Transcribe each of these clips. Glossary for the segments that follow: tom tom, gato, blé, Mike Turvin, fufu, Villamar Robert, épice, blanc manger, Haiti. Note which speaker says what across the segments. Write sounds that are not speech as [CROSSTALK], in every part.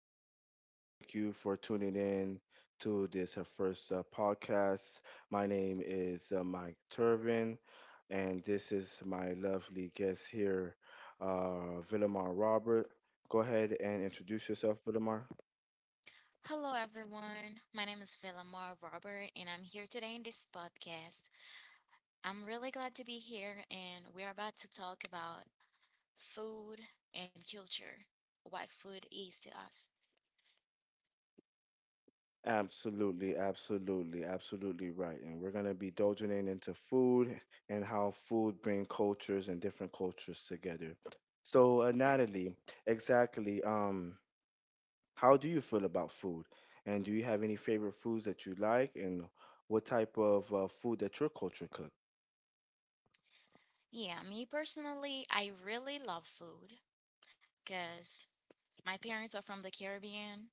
Speaker 1: morning. Thank you for tuning in to this first podcast. My name is Mike Turvin, and this is my lovely guest here, Villamar Robert. Go ahead and introduce yourself, Villamar.
Speaker 2: Hello, everyone. My name is Villamar Robert, and I'm here today in this podcast. I'm really glad to be here, and we're about to talk about food and culture, what food is to us.
Speaker 1: Absolutely, absolutely, absolutely right. And we're going to be dozing in into food and how food brings cultures and different cultures together. So, Natalie, exactly. How do you feel about food? And do you have any favorite foods that you like? And what type of food that your culture cooks?
Speaker 2: Yeah, me personally, I really love food because my parents are from the Caribbean,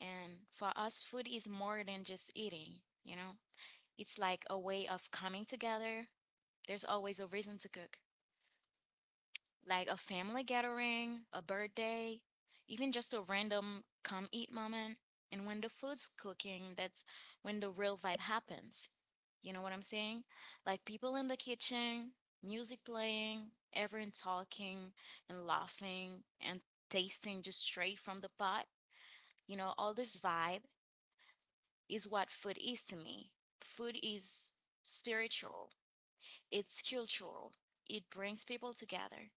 Speaker 2: and for us, food is more than just eating, you know? It's like a way of coming together. There's always a reason to cook, like a family gathering, a birthday, even just a random come eat moment. And when the food's cooking, that's when the real vibe happens. You know what I'm saying? Like, people in the kitchen, music playing, everyone talking and laughing and tasting just straight from the pot. You know, all this vibe is what food is to me. Food is spiritual, it's cultural, it brings people together.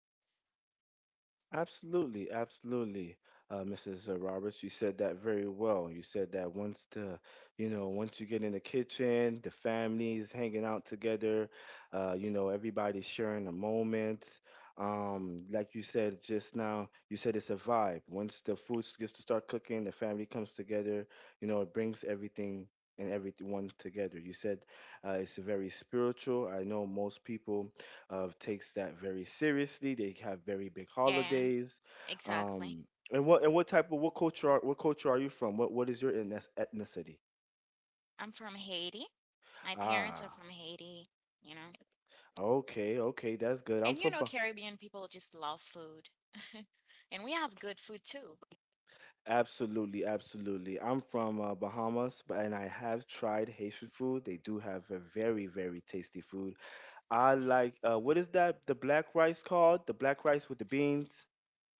Speaker 1: Absolutely, absolutely, Mrs. Roberts. You said that very well. You said that once you get in the kitchen, the families hanging out together, everybody's sharing a moment. Like you said just now, you said it's a vibe. Once the gets to start cooking, the family comes together. It brings everything and everyone together. You said it's very spiritual. I know most people of takes that very seriously. They have very big
Speaker 2: Yeah,
Speaker 1: holidays.
Speaker 2: exactly.
Speaker 1: Um, and what type of what culture are you from? What is your ethnicity?
Speaker 2: I'm from Haiti. My parents are
Speaker 1: Ah,
Speaker 2: from Haiti, you know.
Speaker 1: okay, okay, that's good. I'm
Speaker 2: And you
Speaker 1: from
Speaker 2: know,
Speaker 1: Bah-
Speaker 2: Caribbean people just love food. [LAUGHS] And we have good food too.
Speaker 1: absolutely, absolutely. I'm from Bahamas, but and I have tried Haitian food. They do have a very very tasty food. I
Speaker 2: Yeah.
Speaker 1: like what is that? The black rice called? The black rice with the beans,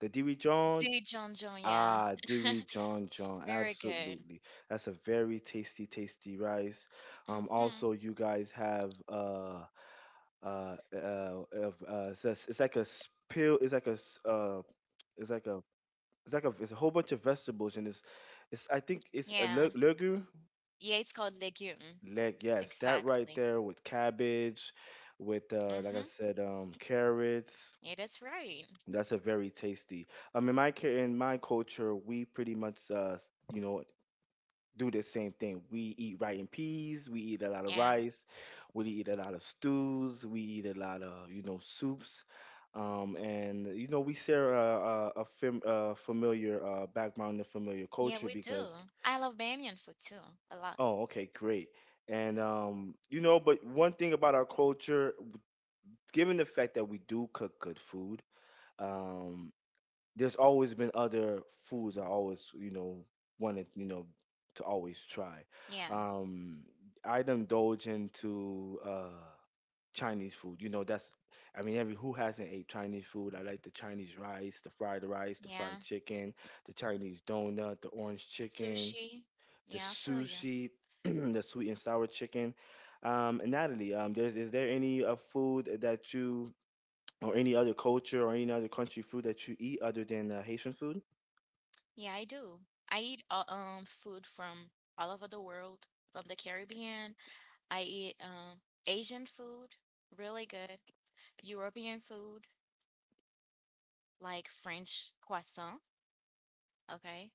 Speaker 1: the dirijon.
Speaker 2: Dijon John, John, yeah.
Speaker 1: Ah,
Speaker 2: [LAUGHS]
Speaker 1: Diri John
Speaker 2: It's
Speaker 1: John,
Speaker 2: very good.
Speaker 1: absolutely. That's a very tasty, tasty rice.
Speaker 2: Hmm.
Speaker 1: Also, you guys have it's like a spill. It's like a it's a whole bunch of vegetables and it's I think it's a
Speaker 2: Yeah. Yeah, it's called legume.
Speaker 1: leg. Yes, that right
Speaker 2: Exactly.
Speaker 1: there with cabbage, with like I
Speaker 2: Mm-hmm.
Speaker 1: said carrots.
Speaker 2: Yeah, that's right.
Speaker 1: That's a very tasty. In my culture, we pretty much you know do the same thing. We eat rice and peas. We eat a lot of
Speaker 2: Yeah.
Speaker 1: rice. We eat a lot of stews. We eat a lot of soups. And we share a familiar background and familiar
Speaker 2: Yeah,
Speaker 1: culture
Speaker 2: we do.
Speaker 1: because.
Speaker 2: I love Bamiyan food too, a lot.
Speaker 1: Oh, okay, great. And um you know but one thing about our culture, given the fact that we do cook good food, um there's always been other foods I always, wanted, to always try.
Speaker 2: Yeah.
Speaker 1: Um, I'd indulge into Chinese food. I mean, every who hasn't ate Chinese food? I like the Chinese rice, the fried
Speaker 2: Yeah.
Speaker 1: chicken, the Chinese donut, the orange chicken,
Speaker 2: Sushi.
Speaker 1: the
Speaker 2: Yeah, I feel you.
Speaker 1: sushi, [CLEARS THROAT] the sweet and sour chicken. And Natalie, is there any food that you or any other culture or any other country food that you eat other than Haitian food?
Speaker 2: Yeah, I do. I eat food from all over the world, from the Caribbean. I eat Asian food, really good. European food, like French croissant, okay?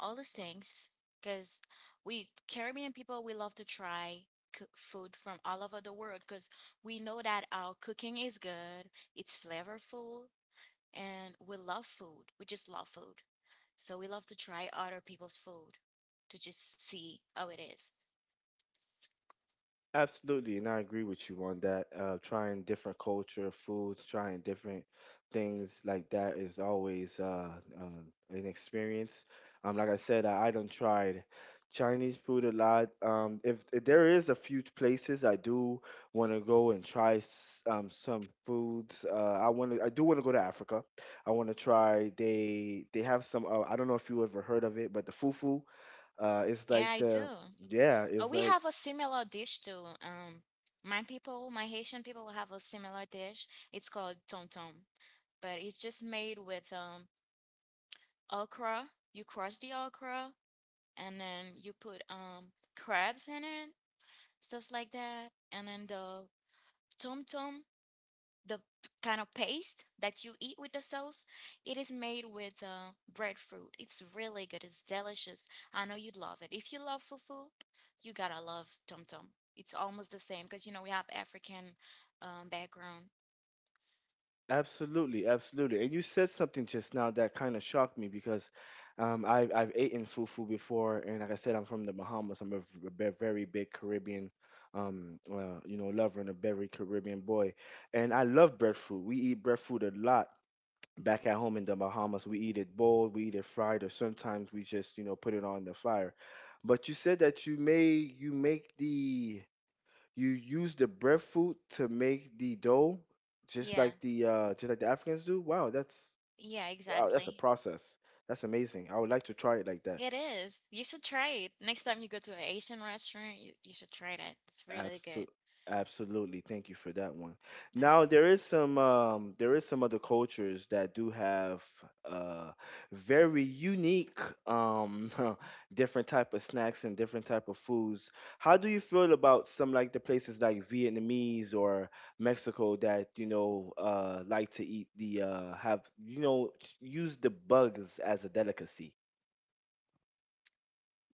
Speaker 2: All these things, because we Caribbean people, we love to try cook food from all over the world because we know that our cooking is good, it's flavorful, and we love food. We just love food. So we love to try other people's food to just see how it is.
Speaker 1: Absolutely, and I agree with you on that. Trying different culture, foods, trying different things like that is always um an experience. Like I said, I done tried Chinese food a lot. If there is a few places I do want to go and try some foods. I want to. I do want to go to Africa. I want to try. They have some. I don't know if you ever heard of it, but the fufu. It's
Speaker 2: Yeah,
Speaker 1: like
Speaker 2: I
Speaker 1: the,
Speaker 2: do.
Speaker 1: yeah.
Speaker 2: Oh,
Speaker 1: It's
Speaker 2: we
Speaker 1: like.
Speaker 2: have a similar dish too. My people, my Haitian people have a similar dish. It's called tom tom, but it's just made with okra. You crush the okra and then you put crabs in it, stuff like that, and then the tom tom, the kind of paste that you eat with the sauce, it is made with breadfruit. It's really good. It's delicious. I know you'd love it. If you love fufu, you gotta love tom tom. It's almost the same because you know we have African background.
Speaker 1: Absolutely, absolutely. And you said something just now that kind of shocked me because I've eaten fufu before, and like I said, I'm from the Bahamas. I'm a very big Caribbean, lover and a very Caribbean boy, and I love breadfruit. We eat breadfruit a lot back at home in the Bahamas. We eat it boiled, we eat it fried, or sometimes we just put it on the fire. But you said that you use the breadfruit to make the dough,
Speaker 2: Yeah,
Speaker 1: just like the Africans do.
Speaker 2: yeah,
Speaker 1: Wow, that's a
Speaker 2: exactly.
Speaker 1: process. That's amazing. I would like to try it like that.
Speaker 2: It is. You should try it. Next time you go to an Asian restaurant, you should try that. It's really good.
Speaker 1: Absolutely. Absolutely. Thank you for that one.
Speaker 2: All
Speaker 1: Now
Speaker 2: right.
Speaker 1: there is some other cultures that do have uh very unique um [LAUGHS] different type of snacks and different type of foods. How do you feel about some like the places like Vietnamese or Mexico that like to eat the have use the bugs as a delicacy?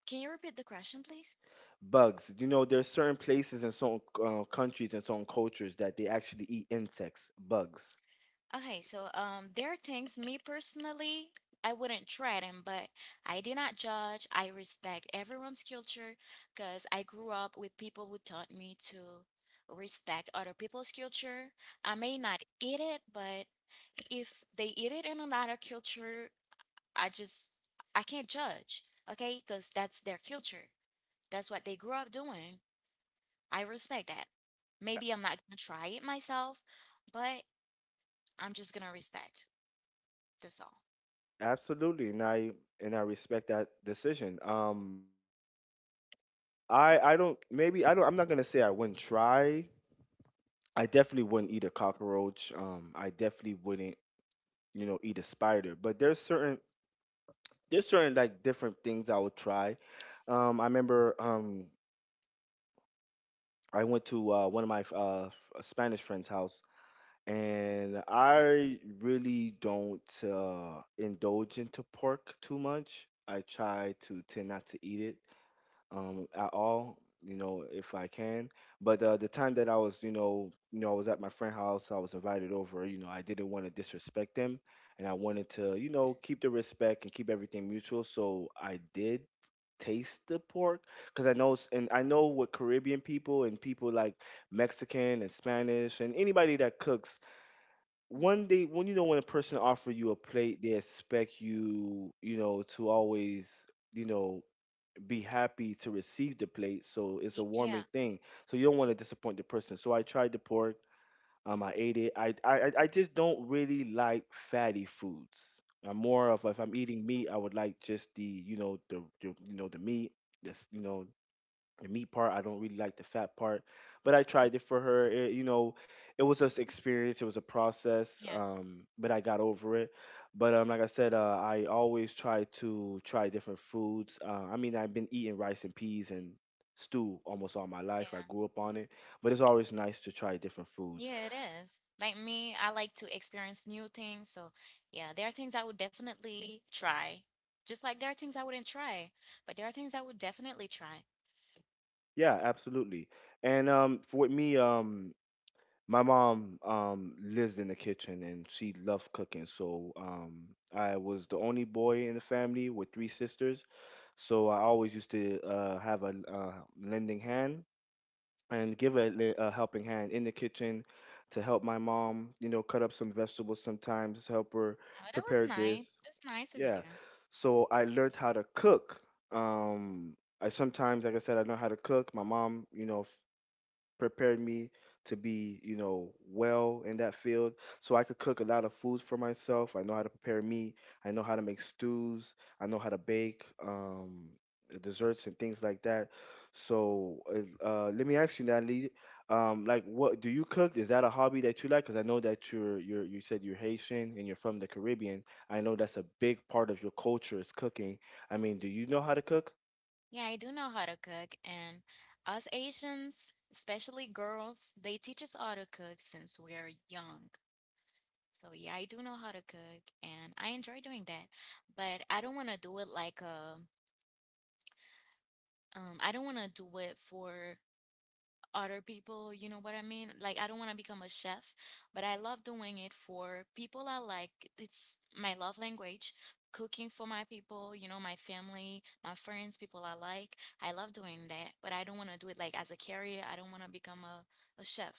Speaker 2: Can you repeat the question, please?
Speaker 1: Bugs. There are certain places and certain countries and certain cultures that they actually eat insects, bugs.
Speaker 2: Okay, so there are things, me personally, I wouldn't try them, but I do not judge. I respect everyone's culture because I grew up with people who taught me to respect other people's culture. I may not eat it, but if they eat it in another culture, I just I can't judge. Okay, because that's their culture. That's what they grew up doing. I respect that. Maybe I'm not gonna try it myself, but I'm just gonna respect. That's all.
Speaker 1: Absolutely, and I respect that decision. I don't Maybe I don't. I'm not gonna say I wouldn't try. I definitely wouldn't eat a cockroach. I definitely wouldn't eat a spider. But there's certain like different things I would try. I remember I went to one of my Spanish friend's house and I really don't indulge into pork too much. I try to tend not to eat it at all, if I can. But the time that I was, I was at my friend's house. I was invited over. I didn't want to disrespect them, and I wanted to, keep the respect and keep everything mutual. So I did taste the pork because and I know what Caribbean people and people like Mexican and Spanish and anybody that cooks
Speaker 2: Mm-hmm.
Speaker 1: one day, when when a person offer you a plate they expect you you know to always you know be happy to receive the plate, so it's a
Speaker 2: Y-
Speaker 1: warming
Speaker 2: Yeah,
Speaker 1: thing, so you don't want to disappoint the person. So I tried the pork. I ate it. I just don't really like fatty foods. I'm more of if I'm eating meat I would like just the you know the you know the meat this you know the meat part. I don't really like the fat part, but I tried it for her. It was just experience. It was a process,
Speaker 2: yeah,
Speaker 1: but I got over it. But like I said, I always try to try different foods. I mean, I've been eating rice and peas and stew almost all my
Speaker 2: yeah.
Speaker 1: life. I grew up on it, but it's always nice to try different foods.
Speaker 2: Yeah, it is. Like me, I like to experience new things. So, yeah, there are things I would definitely try. Just like there are things I wouldn't try, but there are things I would definitely try.
Speaker 1: Yeah, absolutely. And for with me, my mom lives in the kitchen and she loved cooking, so I was the only boy in the family with three sisters, so I always used to have a lending hand and give a helping hand in the kitchen to help my mom, cut up some vegetables sometimes, help her
Speaker 2: Oh, that was
Speaker 1: prepare
Speaker 2: nice.
Speaker 1: this.
Speaker 2: That's nice of
Speaker 1: Yeah.
Speaker 2: you.
Speaker 1: So I learned how to cook. Um I sometimes, like I said, I know how to cook. My mom, prepared me to be, well in that field. So I could cook a lot of foods for myself. I know how to prepare meat. I know how to make stews. I know how to bake desserts and things like that. So let me ask you, Natalie, like, what do you cook? Is that a hobby that you like? Because I know that you said you're Haitian and you're from the Caribbean. I know that's a big part of your culture is cooking. I mean, do you know how to cook?
Speaker 2: Yeah, I do know how to cook, and us Asians, especially girls, they teach us how to cook since we're young. So, yeah, I do know how to cook, and I enjoy doing that. But I don't want to do it like a I don't want to do it for other people, you know what I mean? Like, I don't want to become a chef, but I love doing it for people I like. It's my love language, cooking for my people, you know, my family, my friends, people I like. I love doing that, but I don't want to do it like as a career. I don't want to become a chef.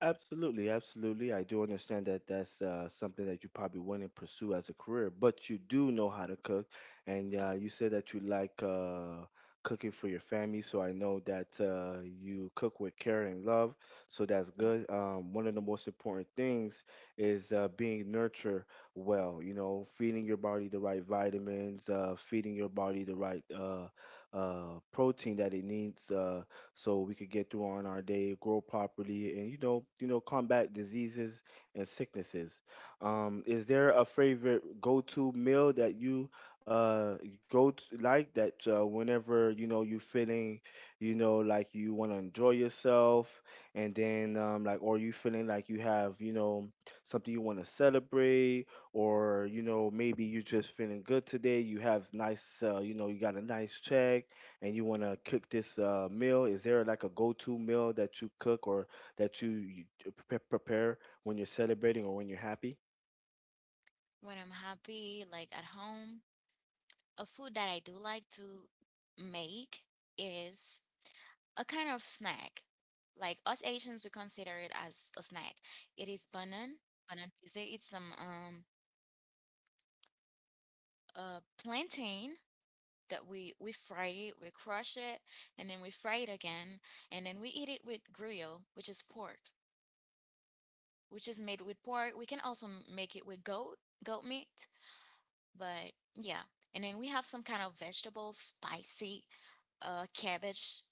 Speaker 1: Absolutely, absolutely. I do understand that that's something that you probably wouldn't pursue as a career, but you do know how to cook, and
Speaker 2: Of-
Speaker 1: you said that you like cooking for your family. So I know that you cook with care and love. So that's
Speaker 2: yeah.
Speaker 1: good. One of the most important things is being nurtured well. Feeding your body the right vitamins, feeding your body the right protein that it needs. So we could get through on our day, grow properly, and combat diseases and sicknesses. Is there a favorite go-to meal that you uh go to, like that whenever you feeling, like you want to enjoy yourself, and then like or you feeling like you have something you want to celebrate or maybe you're just feeling good today you have nice you got a nice check and you want to cook this meal, is there like a go-to meal that you cook or that prepare when you're celebrating or when you're happy?
Speaker 2: When I'm happy, like at home, a food that I do like to make is a kind of snack. Like, us Asians, we consider it as a snack. It is banan pizza. It's some plantain that we fry it, we crush it, and then we fry it again, and then we eat it with grill, which is pork, which is made with pork. We can also make it with goat meat, but yeah. And then we have some kind of vegetable spicy cabbage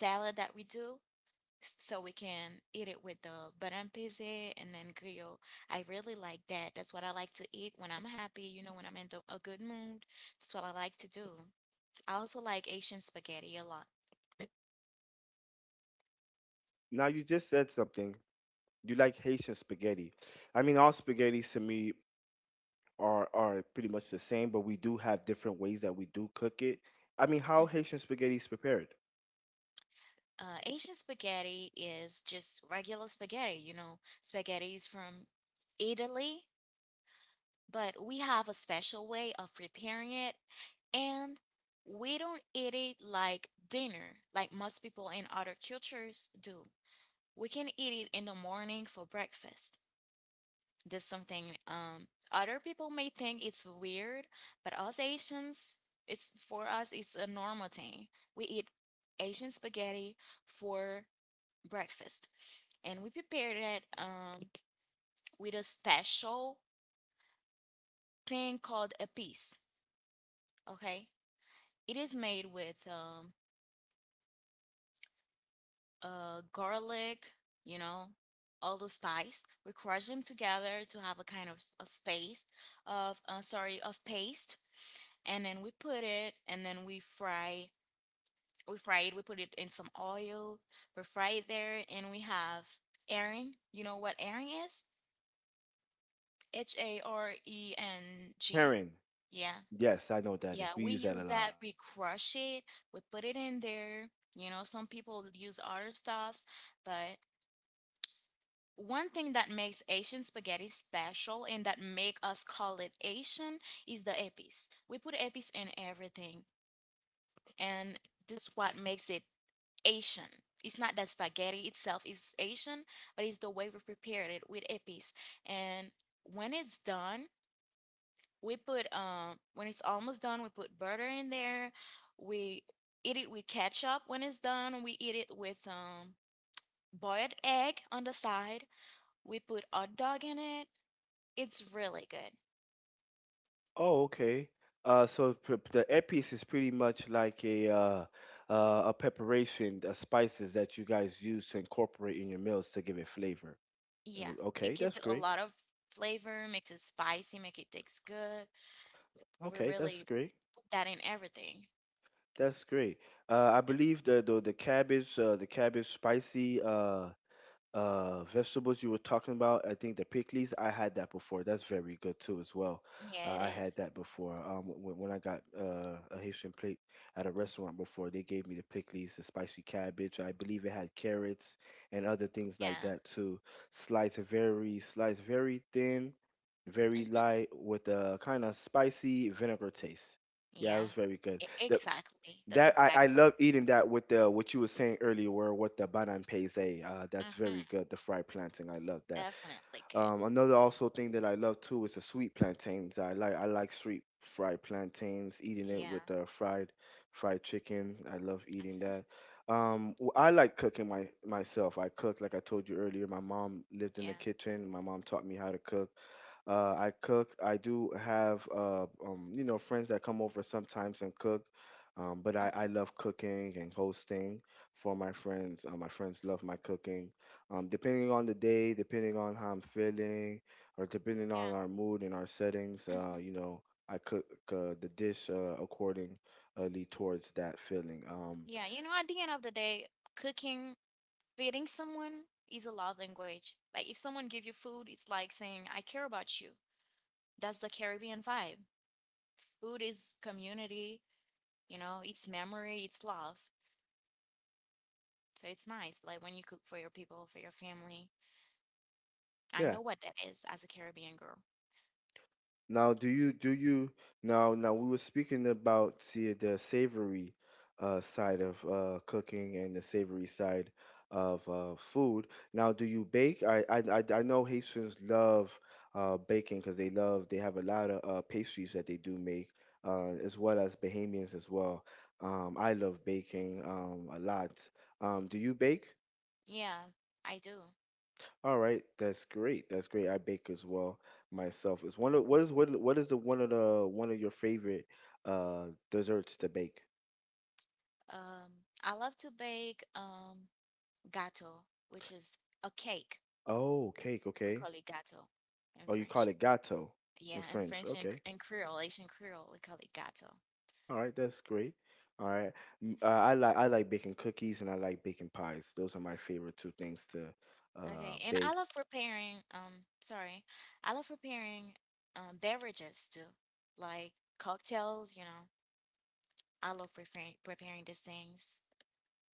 Speaker 2: salad that we do so we can eat it with the barrampese and then grill. I really like that. That's what I like to eat when I'm happy, you know, when I'm in a good mood. That's what I like to do. I also like Asian spaghetti a lot.
Speaker 1: Now, you just said something. You like Haitian spaghetti. I mean, all spaghettis to me are pretty much the same, but we do have different ways that we do cook it. I mean, how Haitian spaghetti is prepared?
Speaker 2: Asian spaghetti is just regular spaghetti, you know, spaghetti is from Italy, but we have a special way of preparing it, and we don't eat it like dinner, like most people in other cultures do. We can eat it in the morning for breakfast. This is something, other people may think it's weird, but us Asians, it's, for us, it's a normal thing. We eat Asian spaghetti for breakfast and we prepared it with a special thing called a piece. Okay, it is made with garlic, you know, all the spice. We crush them together to have a kind of a space of, sorry, of paste, and then we put it, and then we fry. We fry it. We put it in some oil. We fry it there, and we have herring. You know what herring is? hareng.
Speaker 1: Herring.
Speaker 2: Yeah.
Speaker 1: Yes, I know what that
Speaker 2: Yeah,
Speaker 1: is. We
Speaker 2: we
Speaker 1: use that a
Speaker 2: use
Speaker 1: lot.
Speaker 2: that. We crush it. We put it in there. You know, some people use other stuffs, but one thing that makes Asian spaghetti special and that make us call it Asian is the epice. We put epice in everything, and this what makes it Asian. It's not that spaghetti itself is Asian, but it's the way we prepared it with epice. And when it's done, We put when it's almost done, we put butter in there. We eat it with ketchup when it's done. We eat it with boiled egg on the side. We put hot dog in it. It's really good.
Speaker 1: Oh, okay. So the épice is pretty much like a a preparation, the spices that you guys use to incorporate in your meals to give it flavor.
Speaker 2: Yeah,
Speaker 1: Oh,
Speaker 2: it
Speaker 1: okay,
Speaker 2: gives
Speaker 1: that's
Speaker 2: it a
Speaker 1: great.
Speaker 2: lot of flavor, makes it spicy, make it taste good. We
Speaker 1: Okay, that's
Speaker 2: really
Speaker 1: great.
Speaker 2: put that in everything.
Speaker 1: That's great. I believe the cabbage spicy. Vegetables you were talking about, I think the pickles. I had that before. That's very good too as well.
Speaker 2: Yeah, it
Speaker 1: I had
Speaker 2: is.
Speaker 1: that before when I got a Haitian plate at a restaurant before. They gave me the pickles, the spicy cabbage. I believe it had carrots and other things like
Speaker 2: Yeah.
Speaker 1: that too, sliced very thin, very
Speaker 2: Hmm.
Speaker 1: light, with a kind of spicy vinegar taste. Yeah, it was
Speaker 2: Yeah.
Speaker 1: very good.
Speaker 2: E-
Speaker 1: The
Speaker 2: exactly. That's
Speaker 1: that I
Speaker 2: exactly.
Speaker 1: love eating that with the what you were saying earlier, where what the banan peze. That's very
Speaker 2: Hmm.
Speaker 1: good. The fried plantain, I love that.
Speaker 2: Definitely good.
Speaker 1: Another also thing that I love too is the sweet plantains. I like sweet fried plantains. Eating it with
Speaker 2: Yeah.
Speaker 1: the fried chicken, I love eating that.
Speaker 2: Hmm.
Speaker 1: I like cooking my myself. I cook, like I told you earlier. My mom lived in the
Speaker 2: Yeah.
Speaker 1: kitchen. My mom taught me how to cook. I cook. I do have friends that come over sometimes and cook. But I
Speaker 2: Hmm.
Speaker 1: love cooking and hosting for my friends. My friends love my cooking. Depending on the day, depending on how I'm feeling, or depending on
Speaker 2: Yeah.
Speaker 1: our mood and our settings,
Speaker 2: Mhm.
Speaker 1: I cook the dish accordingly towards that feeling.
Speaker 2: Yeah, you know, at the end of the day, cooking, feeding someone is a love language. Like, if someone give you food, it's like saying, I care about you. That's the Caribbean vibe. Food is community, you know, it's memory, it's love. So it's nice, like, when you cook for your people, for your family. I
Speaker 1: Yeah.
Speaker 2: know what that is as a Caribbean girl.
Speaker 1: Now, do you now now we were speaking about see the savory side of cooking and the savory side of food. Now, do you bake? I know Haitians love baking, because they have a lot of pastries that they do make, as well as Bahamians as well. I love baking a lot. Do you bake?
Speaker 2: Yeah, I do.
Speaker 1: All right, that's great. That's great. I bake as well myself. Is one of what is What is the one of your favorite uh desserts to bake?
Speaker 2: I love to bake gato, which is a cake.
Speaker 1: Oh, cake,
Speaker 2: We
Speaker 1: okay.
Speaker 2: call it gato in
Speaker 1: Oh, you
Speaker 2: French.
Speaker 1: call it gâteau in
Speaker 2: Yeah, in
Speaker 1: French.
Speaker 2: French and,
Speaker 1: Okay.
Speaker 2: Creole, Haitian Creole, we call it gato.
Speaker 1: All right, that's great. All right. I like baking cookies, and I like baking pies. Those are my favorite two things to
Speaker 2: Okay, and I
Speaker 1: bake.
Speaker 2: love preparing, sorry, I love preparing beverages too, like cocktails, you know. I love preparing these things.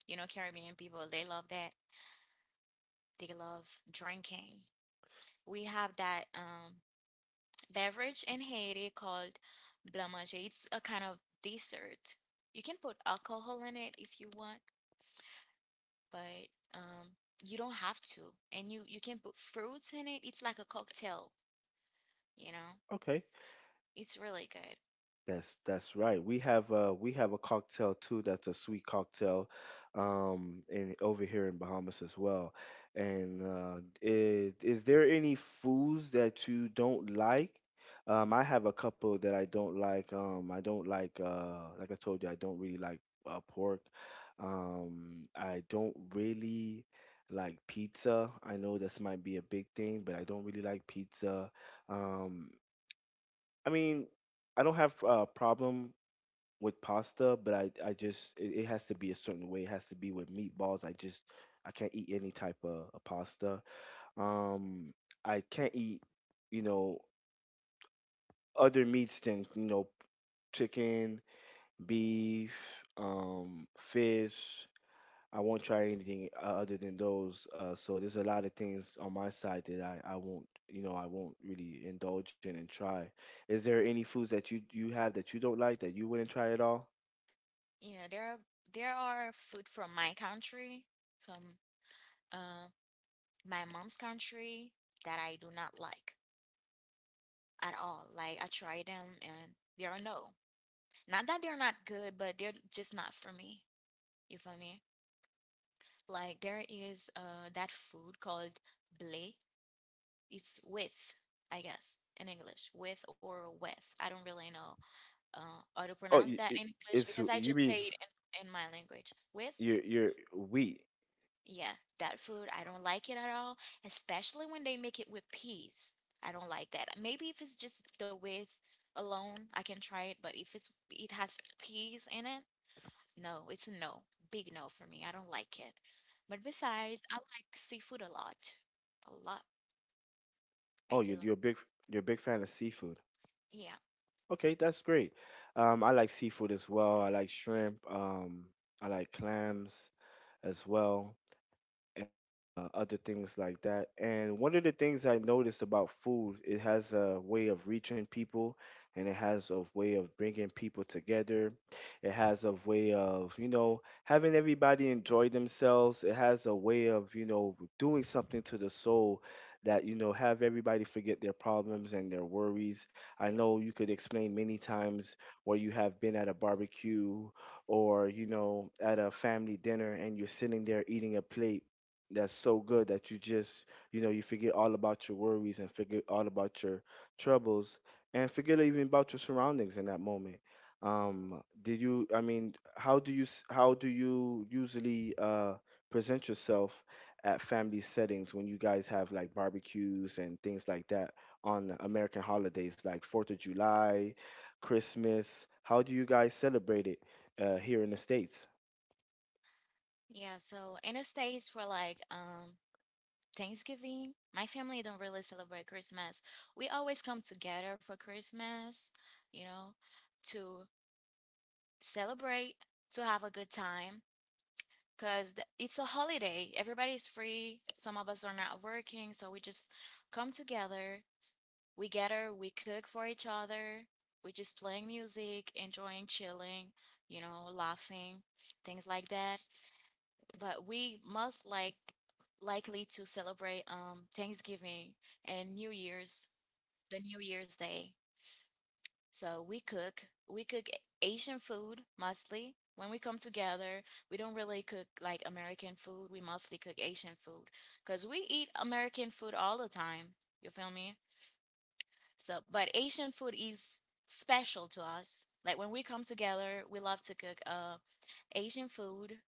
Speaker 2: You know, Caribbean people, they love that. They love drinking. We have that beverage in Haiti called blanc manger. It's a kind of dessert. You can put alcohol in it if you want, but you don't have to, and you can put fruits in it. It's like a cocktail, you know.
Speaker 1: Okay.
Speaker 2: It's really good.
Speaker 1: That's right. We have a cocktail too, that's a sweet cocktail, in over here in Bahamas as well. And is there any foods that you don't like? I have a couple that I don't like. Like I told you, I don't really like pork. I don't really like pizza. I know this might be a big thing, but I don't really like pizza. Um I mean, I don't have a problem with pasta, but I just, it has to be a certain way. It has to be with meatballs. I can't eat any type of pasta. Um, I can't eat, you know, other meats than, you know, chicken, beef, fish. I won't try anything other than those. So there's a lot of things on my side that I won't really indulge in and try. Is there any foods that you have that you don't like that you wouldn't try at all?
Speaker 2: Yeah, there are food from my country, from uh, my mom's country that I do not like at all. Like, I try them and they are no. Not that they're not good, but they're just not for me. You feel me? Like, there is that food called blé. It's with, I guess, in English, with or with. I don't really know how to
Speaker 1: Oh,
Speaker 2: pronounce that in English
Speaker 1: it's,
Speaker 2: because I
Speaker 1: you
Speaker 2: just say
Speaker 1: mean,
Speaker 2: it in my language. With?
Speaker 1: you're wheat.
Speaker 2: Yeah, that food, I don't like it at all, especially when they make it with peas. I don't like that. Maybe if it's just the with alone, I can try it, but if it has peas in it, no, it's a no. Big no for me. I don't like it. But besides, I like seafood a lot. A lot. I
Speaker 1: Oh,
Speaker 2: do.
Speaker 1: you're a big fan of seafood.
Speaker 2: Yeah.
Speaker 1: Okay, that's great. I like seafood as well. I like shrimp. I like clams as well. Other things like that. And one of the things I noticed about food, it has a way of reaching people, and it has a way of bringing people together. It has a way of having everybody enjoy themselves. It has a way of doing something to the soul that, you know, have everybody forget their problems and their worries. I know you could explain many times where you have been at a barbecue or at a family dinner, and you're sitting there eating a plate that's so good that you forget all about your worries, and forget all about your troubles, and forget even about your surroundings in that moment. Did you I mean, how do you usually present yourself at family settings when you guys have like barbecues and things like that on American holidays, like Fourth of July, Christmas? How do you guys celebrate it here in the States?
Speaker 2: Yeah, so in the States, for like Thanksgiving. My family don't really celebrate Christmas. We always come together for Christmas, you know, to celebrate, to have a good time, because it's a holiday. Everybody's free. Some of us are not working, so we just come together. We gather, we cook for each other. We just playing music, enjoying, chilling, you know, laughing, things like that but we most like likely to celebrate Thanksgiving and New Year's, the New Year's Day. So we cook. We cook Asian food mostly. When we come together, we don't really cook like American food. We mostly cook Asian food because we eat American food all the time. You feel me? So, but Asian food is special to us. Like when we come together, we love to cook Asian food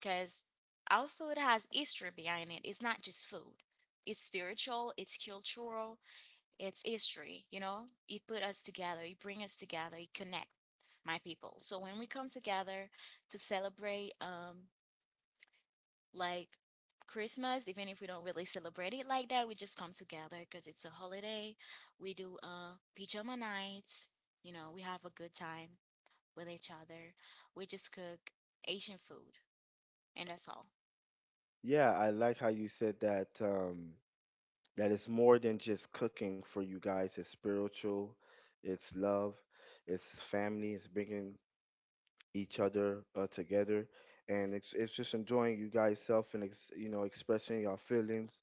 Speaker 2: because our food has history behind it. It's not just food. It's spiritual, it's cultural, it's history, you know? It put us together, it bring us together, it connect my people. So when we come together to celebrate like Christmas, even if we don't really celebrate it like that, we just come together because it's a holiday. We do pajama nights, you know, we have a good time with each other. We just cook Asian food and that's all.
Speaker 1: Yeah, I like how you said that. That is more than just cooking for you guys. It's spiritual, it's love, it's family, it's bringing each other together, and it's just enjoying you guys self, and ex, you know expressing your feelings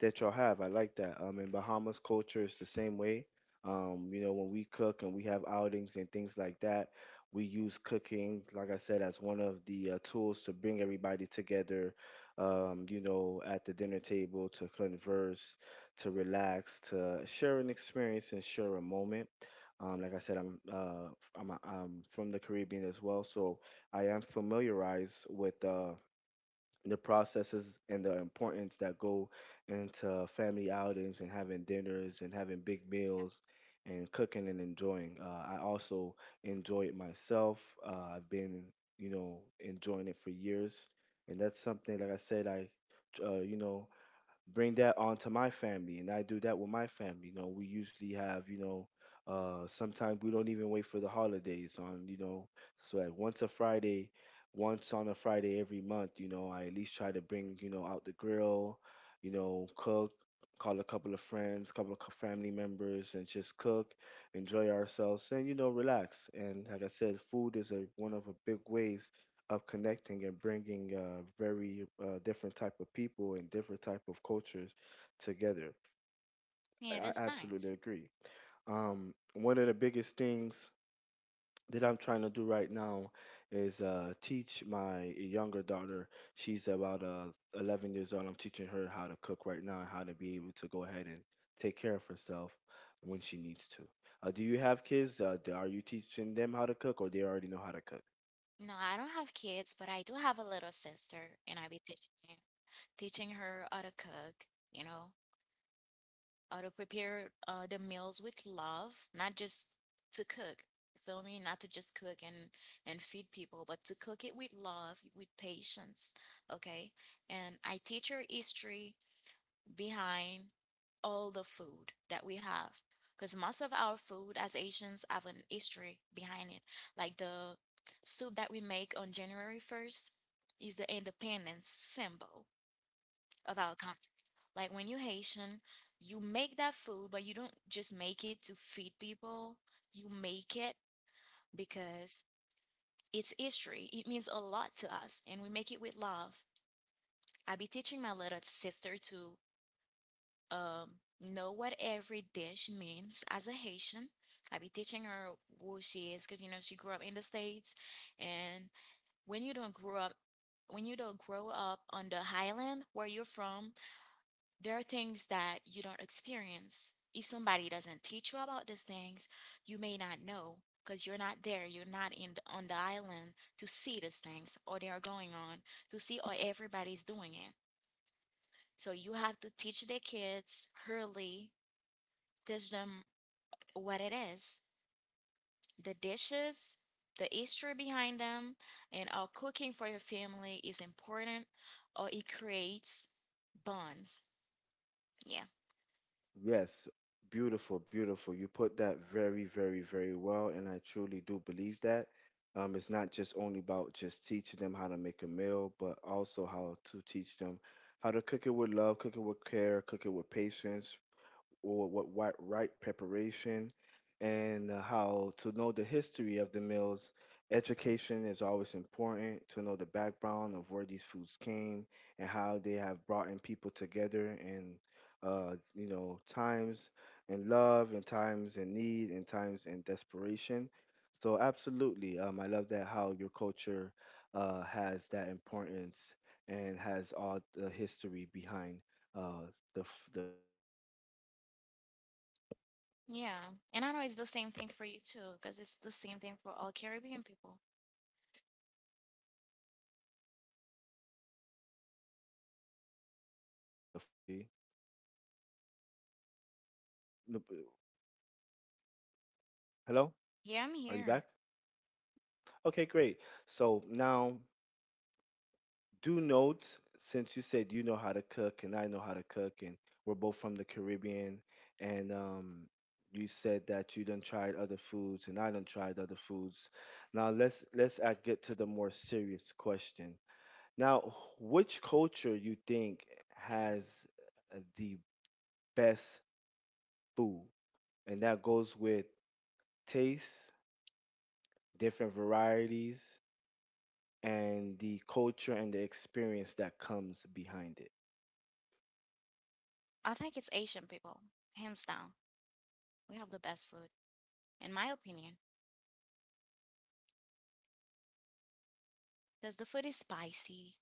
Speaker 1: that y'all have. I like that. In Bahamas culture is the same way. When we cook and we have outings and things like that, we use cooking, like I said, as one of the tools to bring everybody together, at the dinner table, to converse, to relax, to share an experience and share a moment. Like I said, I'm f- I'm, a- I'm from the Caribbean as well, so I am familiarized with the processes and the importance that go into family outings and having dinners and having big meals and cooking and enjoying. I also enjoy it myself. I've been, you know, enjoying it for years, and that's something, like I said, I, uh, you know, bring that onto my family, and I do that with my family. We usually have, sometimes we don't even wait for the holidays on, so that once a Friday, once on a Friday every month, you know, I at least try to bring, out the grill, you know, cook, call a couple of friends, couple of family members, and just cook, enjoy ourselves and, relax. And like I said, food is a one of the big ways of connecting and bringing very different type of people and different type of cultures together. I
Speaker 2: Yeah,
Speaker 1: I
Speaker 2: that's
Speaker 1: absolutely
Speaker 2: nice.
Speaker 1: agree. One of the biggest things that I'm trying to do right now is teach my younger daughter. She's about 11 years old. I'm teaching her how to cook right now and how to be able to go ahead and take care of herself when she needs to. Do you have kids? Are you teaching them how to cook, or they already know how to cook?
Speaker 2: No, I don't have kids, but I do have a little sister, and I be teaching her how to cook, you know, how to prepare the meals with love, not just to cook. You feel me? Not to just cook and feed people, but to cook it with love, with patience, okay? And I teach her history behind all the food that we have because most of our food as Asians have an history behind it. Like the soup that we make on January 1st is the independence symbol of our country. Like when you're Haitian, you make that food, but you don't just make it to feed people. You make it because it's history. It means a lot to us, and we make it with love. I be teaching my little sister to um, know what every dish means as a Haitian. I be teaching her who she is because you know she grew up in the States, and when you don't grow up, when you don't grow up on the highland where you're from, there are things that you don't experience. If somebody doesn't teach you about these things, you may not know because you're not there. You're not in on the island to see these things, or they are going on to see or everybody's doing it. So you have to teach the kids early teach them what it is the dishes, the history behind them, and how cooking for your family is important or it creates bonds. Yeah.
Speaker 1: Yes, beautiful, beautiful. You put that very, very, very well, and I truly do believe that. It's not just only about just teaching them how to make a meal, but also how to teach them how to cook it with love, cook it with care, cook it with patience, or what right preparation, and how to know the history of the meals. Education is always important to know the background of where these foods came and how they have brought in people together, and times in love and times in need and times in desperation. So absolutely, I love that how your culture has that importance and has all the history behind uh, the food like that. That's very good. Like I
Speaker 2: Yeah.
Speaker 1: said.
Speaker 2: And I know it's the same thing for you too, because it's the same thing for all Caribbean people.
Speaker 1: Yeah, I will. No, hello, are you back?
Speaker 2: Yeah, I'm here.
Speaker 1: Okay, great. So now, do note, since you said you know how to cook and I know how to cook, and we're both from the Caribbean, and you said that you done tried other foods and I done tried other foods. Now, let's get to the more serious question. Now, which culture you think has the best food? And that goes with taste, different varieties, and the culture and the experience that comes behind it.
Speaker 2: I think it's Asian people, hands down. We have the best food, in my opinion, because the food is spicy,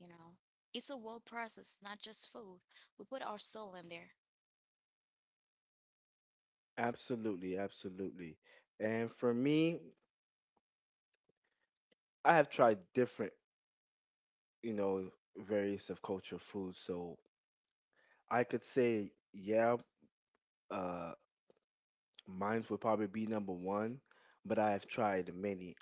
Speaker 2: you know. It's a whole process, not just food. We put our soul in there.
Speaker 1: Absolutely, absolutely. And for me, I have tried different, you know, various of culture foods. So I could say, yeah, uh, mine would probably be number one, but I have tried many.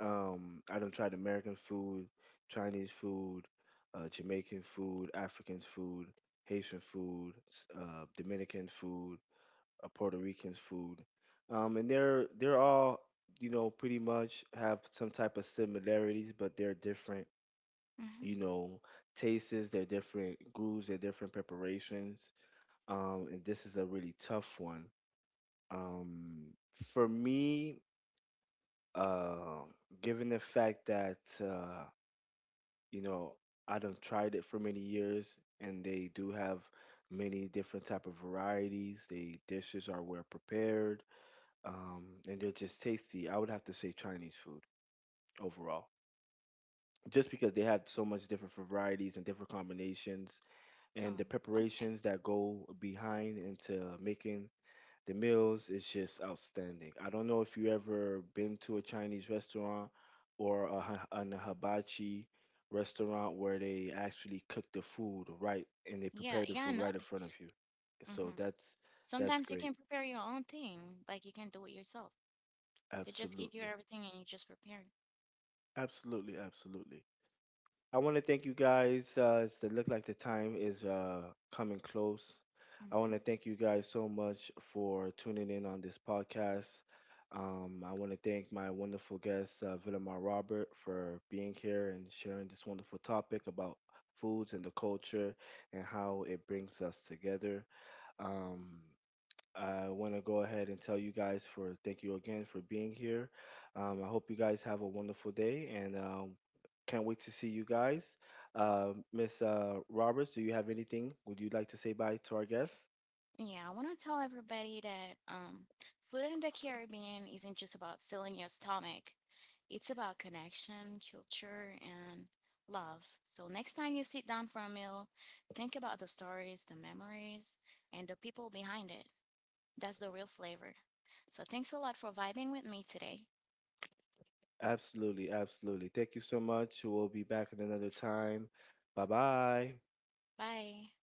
Speaker 1: I done tried American food, Chinese food, Jamaican food, African food, Haitian food, Dominican food, Puerto Rican food, and they're all, pretty much have some type of similarities, but they're different.
Speaker 2: Mm-hmm.
Speaker 1: You know, tastes, they're different grooves, they're different preparations. And this is a really tough one. Um, for me, uh, given the fact that you know, I done tried it for many years, and they do have many different type of varieties. The dishes are well prepared, and they're just tasty. I would have to say Chinese food overall, just because they have so much different varieties and different combinations,
Speaker 2: Oh,
Speaker 1: and the
Speaker 2: okay.
Speaker 1: preparations that go behind into making the meals is just outstanding. I don't know if you ever been to a Chinese restaurant or an hibachi restaurant where they actually cook the food right, and they
Speaker 2: Yeah,
Speaker 1: prepare the
Speaker 2: yeah, I
Speaker 1: food right in
Speaker 2: noticed
Speaker 1: front of you.
Speaker 2: that. Hmm.
Speaker 1: So that's
Speaker 2: Sometimes you
Speaker 1: great.
Speaker 2: can prepare your own thing, like you can do it yourself. They just give you
Speaker 1: Absolutely.
Speaker 2: everything and you just prepare it.
Speaker 1: Absolutely, absolutely. I want to thank you guys. It look like the time is coming close. I want
Speaker 2: Hmm.
Speaker 1: to thank you guys so much for tuning in on this podcast. I want to thank my wonderful guest, Villamar Robert, for being here and sharing this wonderful topic about foods and the culture and how it brings us together. Um, I want to go ahead and tell you guys for thank you again for being here. I hope you guys have a wonderful day, and can't wait to see you guys. Miss, Roberts, do you have anything? Would you like to say bye to our guests?
Speaker 2: Yeah, I want to tell everybody that food in the Caribbean isn't just about filling your stomach. It's about connection, culture, and love. So next time you sit down for a meal, think about the stories, the memories, and the people behind it. That's the real flavor. So thanks a lot for vibing with me today.
Speaker 1: Absolutely, absolutely. Thank you so much. We'll be back at another time. Bye bye.
Speaker 2: Bye.